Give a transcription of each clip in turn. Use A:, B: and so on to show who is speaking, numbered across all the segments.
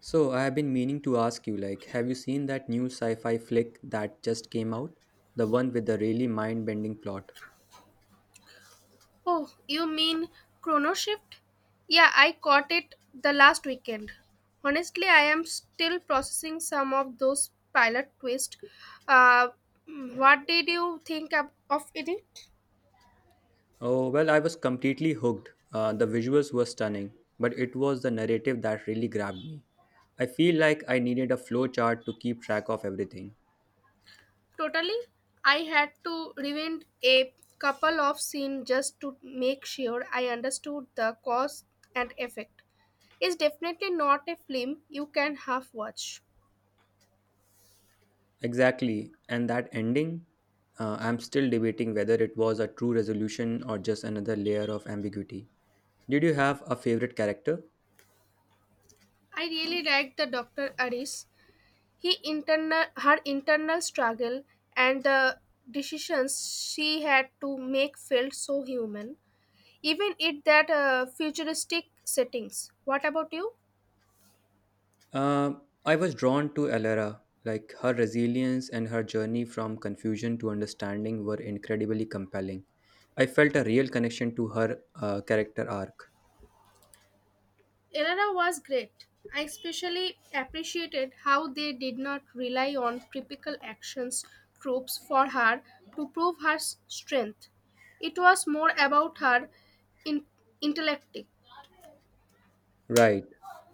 A: So, I have been meaning to ask you like, have you seen that new sci fi flick that just came out? The one with the really mind bending plot?
B: Oh, you mean Chrono Shift? Yeah, I caught it the last weekend. Honestly, I am still processing some of those pilot twists. Uh, what did you think of it?
A: Oh, well, I was completely hooked. The visuals were stunning, but it was the narrative that really grabbed me. I feel like I needed a flowchart to keep track of everything.
B: Totally. I had to rewind a couple of scenes just to make sure I understood the cause and effect. It's definitely not a film you can half watch.
A: Exactly, and that ending? I'm still debating whether it was a true resolution or just another layer of ambiguity. Did you have a favorite character?
B: I really liked the Dr. Aris. He internal her internal struggle and the decisions she had to make felt so human, even in that futuristic settings. What about you?
A: I was drawn to Elara. Like her resilience and her journey from confusion to understanding were incredibly compelling. I felt a real connection to her character arc.
B: Elena was great. I especially appreciated how they did not rely on typical actions troops for her to prove her strength. It was more about her in- intellect.
A: Right.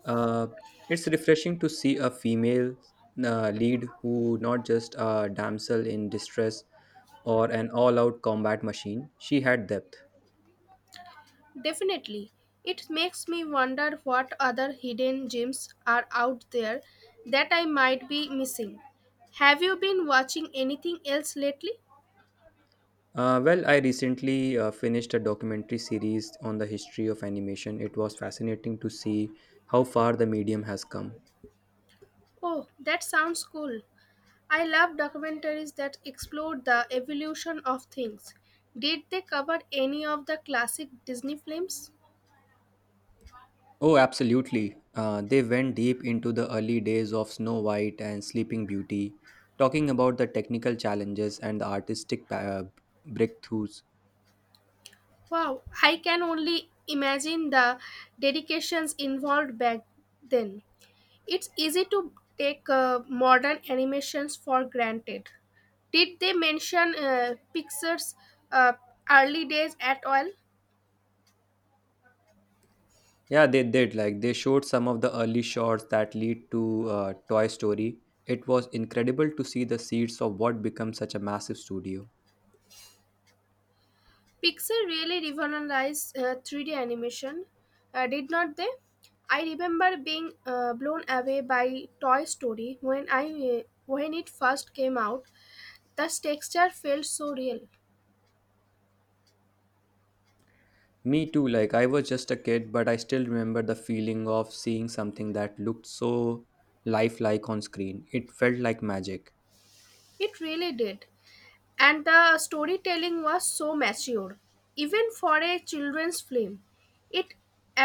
A: Uh, it's refreshing to see a female lead who not just a damsel in distress or an all-out combat machine. She had depth.
B: Definitely. It makes me wonder what other hidden gems are out there that I might be missing. Have you been watching anything else lately?
A: Well, I recently finished a documentary series on the history of animation. It was fascinating to see how far the medium has come.
B: Oh, that sounds cool. I love documentaries that explore the evolution of things. Did they cover any of the classic Disney films?
A: Oh, absolutely. They went deep into the early days of Snow White and Sleeping Beauty, talking about the technical challenges and the artistic breakthroughs.
B: Wow, I can only imagine the dedications involved back then. It's easy to take modern animations for granted. Did they mention Pixar's uh, early days at all?
A: Yeah, they did. Like, they showed some of the early shots that lead to Toy Story. It was incredible to see the seeds of what became such a massive studio.
B: Pixar really revolutionized 3D animation, did not they? I remember being blown away by Toy Story when I when it first came out. The texture felt so real.
A: Me too, like I was just a kid, but I still remember the feeling of seeing something that looked so lifelike on screen. It felt like magic.
B: It really did. And the storytelling was so mature, even for a children's film. It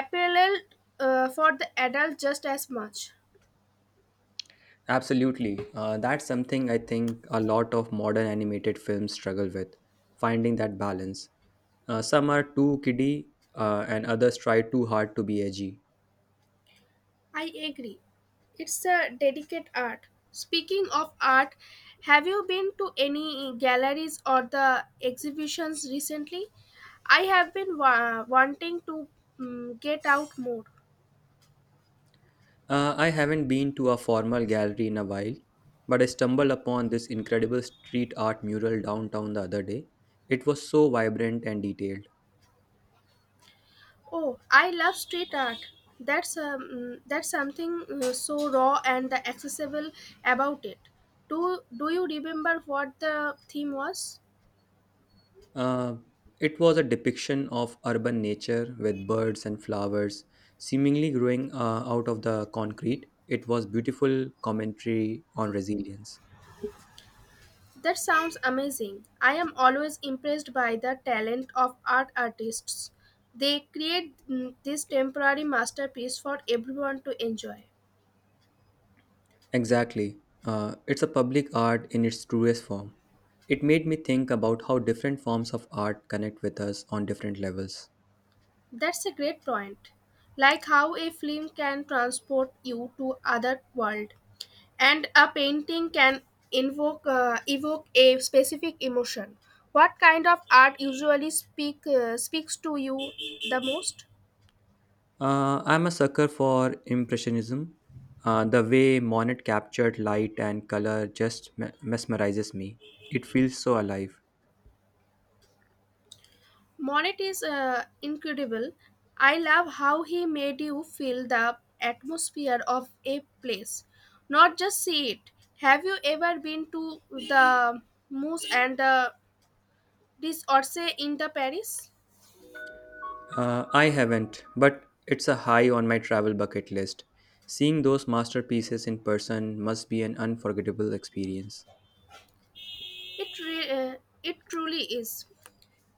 B: appealed for the adult just as much.
A: Absolutely. That's something I think a lot of modern animated films struggle with, finding that balance. Some are too kiddie, and others try too hard to be edgy.
B: I agree, it's a delicate art. Speaking of art, have you been to any galleries or the exhibitions recently? I have been wanting to get out more.
A: I haven't been to a formal gallery in a while, but I stumbled upon this incredible street art mural downtown the other day. It was so vibrant and detailed.
B: Oh, I love street art. That's something so raw and the accessible about it. Do you remember what the theme was?
A: Uh, it was a depiction of urban nature with birds and flowers seemingly growing out of the concrete. It was beautiful commentary on resilience.
B: That sounds amazing. I am always impressed by the talent of artists. They create this temporary masterpiece for everyone to enjoy.
A: Exactly. It's a public art in its truest form. It made me think about how different forms of art connect with us on different levels.
B: That's a great point. Like how a film can transport you to other world, and a painting can invoke evoke a specific emotion. What kind of art usually speaks to you the most?
A: I'm a sucker for Impressionism. The way Monet captured light and color just mesmerizes me. It feels so alive.
B: Monet is incredible. I love how he made you feel the atmosphere of a place, not just see it. Have you ever been to the moose and the this Orsay in the Paris?
A: I haven't, but it's a high on my travel bucket list. Seeing those masterpieces in person must be an unforgettable experience.
B: it re- uh, it truly is.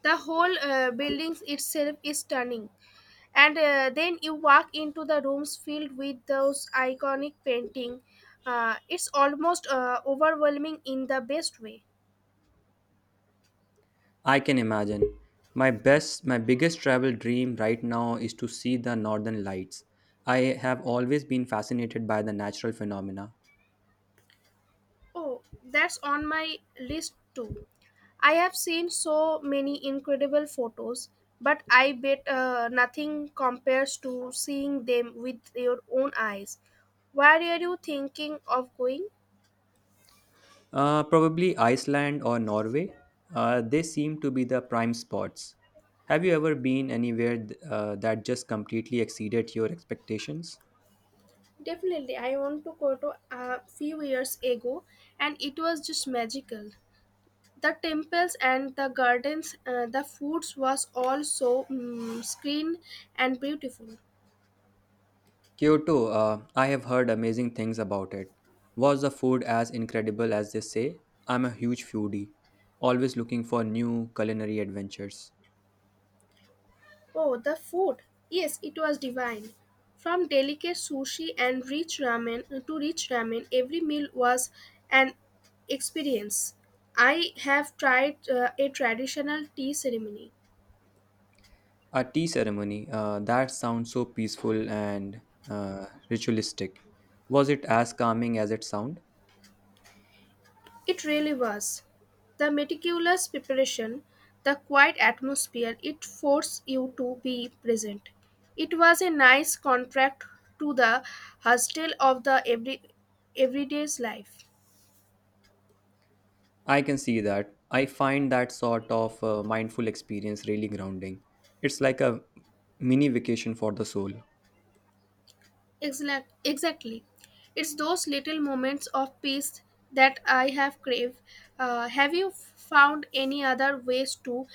B: The whole building itself is stunning, and then you walk into the rooms filled with those iconic painting. It's almost overwhelming in the best way.
A: I can imagine. My biggest travel dream right now is to see the northern lights. I have always been fascinated by the natural phenomena.
B: Oh, that's on my list too. I have seen so many incredible photos, but I bet nothing compares to seeing them with your own eyes. Where are you thinking of going?
A: Probably Iceland or Norway. They seem to be the prime spots. Have you ever been anywhere that just completely exceeded your expectations?
B: Definitely. I want to go to a few years ago, and it was just magical. The temples and the gardens, the foods was also screened and beautiful.
A: Kyoto, I have heard amazing things about it. Was the food as incredible as they say? I'm a huge foodie, always looking for new culinary adventures.
B: Oh, the food! Yes, it was divine. From delicate sushi and rich ramen, every meal was an experience. I have tried a traditional tea ceremony.
A: A tea ceremony, that sounds so peaceful and ritualistic. Was it as calming as it sound?
B: It really was. The meticulous preparation, the quiet atmosphere, it forced you to be present. It was a nice contrast to the hustle of the everyday's life.
A: I can see that. I find that sort of mindful experience really grounding. It's like a mini vacation for the soul.
B: Exactly. It's those little moments of peace that I have craved. Have you found any other ways to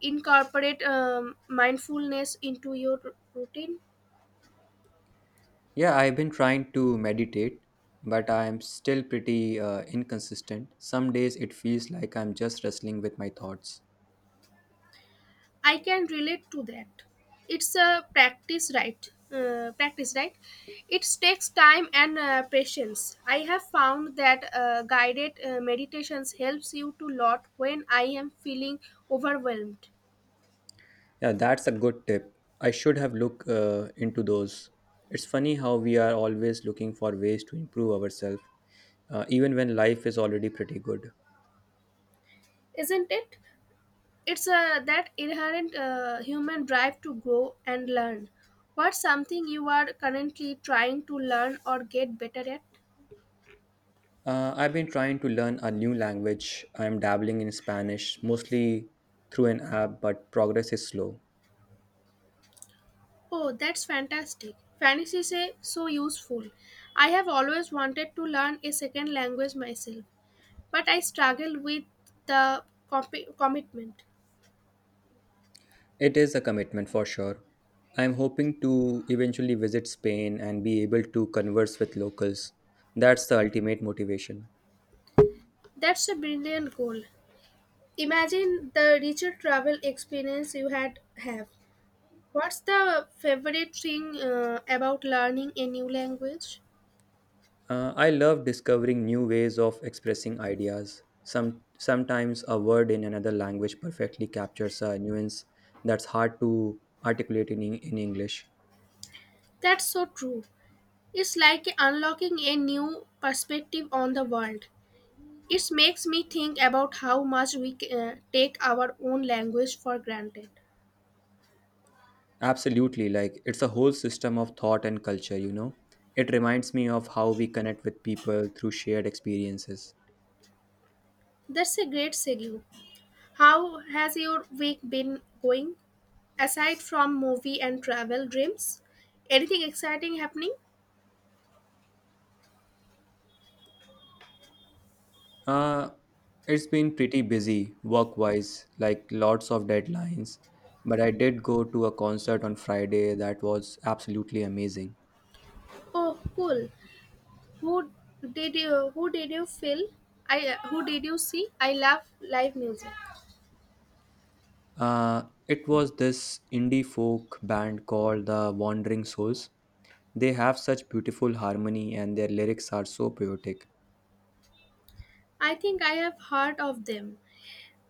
B: incorporate mindfulness into your routine?
A: Yeah, I've been trying to meditate, but I'm still pretty inconsistent. Some days it feels like I'm just wrestling with my thoughts.
B: I can relate to that. It's a practice, right? It takes time and patience. I have found that guided meditations helps you to lot when I am feeling overwhelmed.
A: Yeah, that's a good tip. I should have looked into those. It's funny how we are always looking for ways to improve ourselves, even when life is already pretty good.
B: Isn't it? It's that inherent human drive to grow and learn. What's something you are currently trying to learn or get better at?
A: I've been trying to learn a new language. I'm dabbling in Spanish, mostly through an app, but progress is slow.
B: Oh, that's fantastic. Fantasy is so useful. I have always wanted to learn a second language myself, but I struggle with the commitment.
A: It is a commitment for sure. I'm hoping to eventually visit Spain and be able to converse with locals. That's the ultimate motivation.
B: That's a brilliant goal. Imagine the richer travel experience you had have. What's the favorite thing about learning a new language?
A: I love discovering new ways of expressing ideas. Sometimes a word in another language perfectly captures a nuance that's hard to articulate in English.
B: That's so true. It's like unlocking a new perspective on the world. It makes me think about how much we take our own language for granted.
A: Absolutely, like it's a whole system of thought and culture, you know. It reminds me of how we connect with people through shared experiences.
B: That's a great segue. How has your week been going? Aside from movie and travel dreams, anything exciting happening?
A: Uh, it's been pretty busy work wise, like lots of deadlines. But I did go to a concert on Friday that was absolutely amazing.
B: Oh, cool. Who who did you feel? I who did you see? I love live music.
A: Uh, it was this indie folk band called the Wandering Souls. They have such beautiful harmony and their lyrics are so poetic.
B: I think I have heard of them.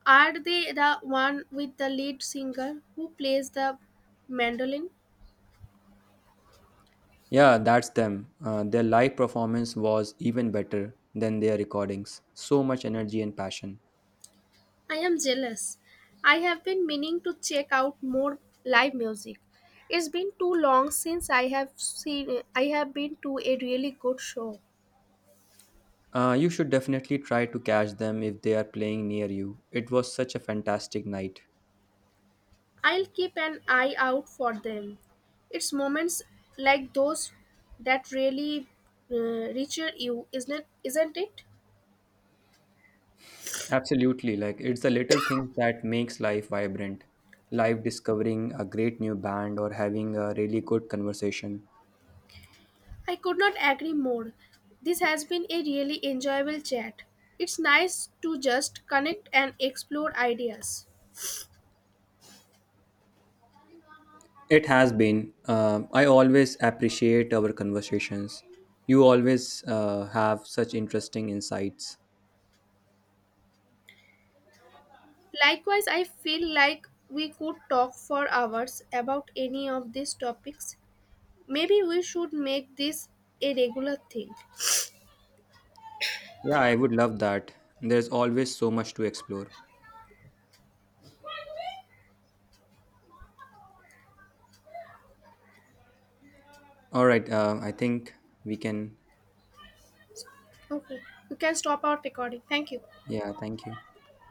B: Are they the one with the lead singer who plays the mandolin?
A: Yeah, that's them. Their live performance was even better than their recordings. So much energy and passion.
B: I am jealous. I have been meaning to check out more live music. It's been too long since I have been to a really good show.
A: You should definitely try to catch them if they are playing near you. It was such a fantastic night.
B: I'll keep an eye out for them. It's moments like those that really uh, reacher you, isn't it?
A: Absolutely, like it's the little things that makes life vibrant. Life discovering a great new band or having a really good conversation.
B: I could not agree more. This has been a really enjoyable chat. It's nice to just connect and explore ideas.
A: It has been. I always appreciate our conversations. You always have such interesting insights.
B: Likewise, I feel like we could talk for hours about any of these topics. Maybe we should make this a regular thing.
A: Yeah, I would love that. There's always so much to explore. All right, I think we can.
B: Okay, we can stop our recording. Thank you.
A: Yeah, thank you.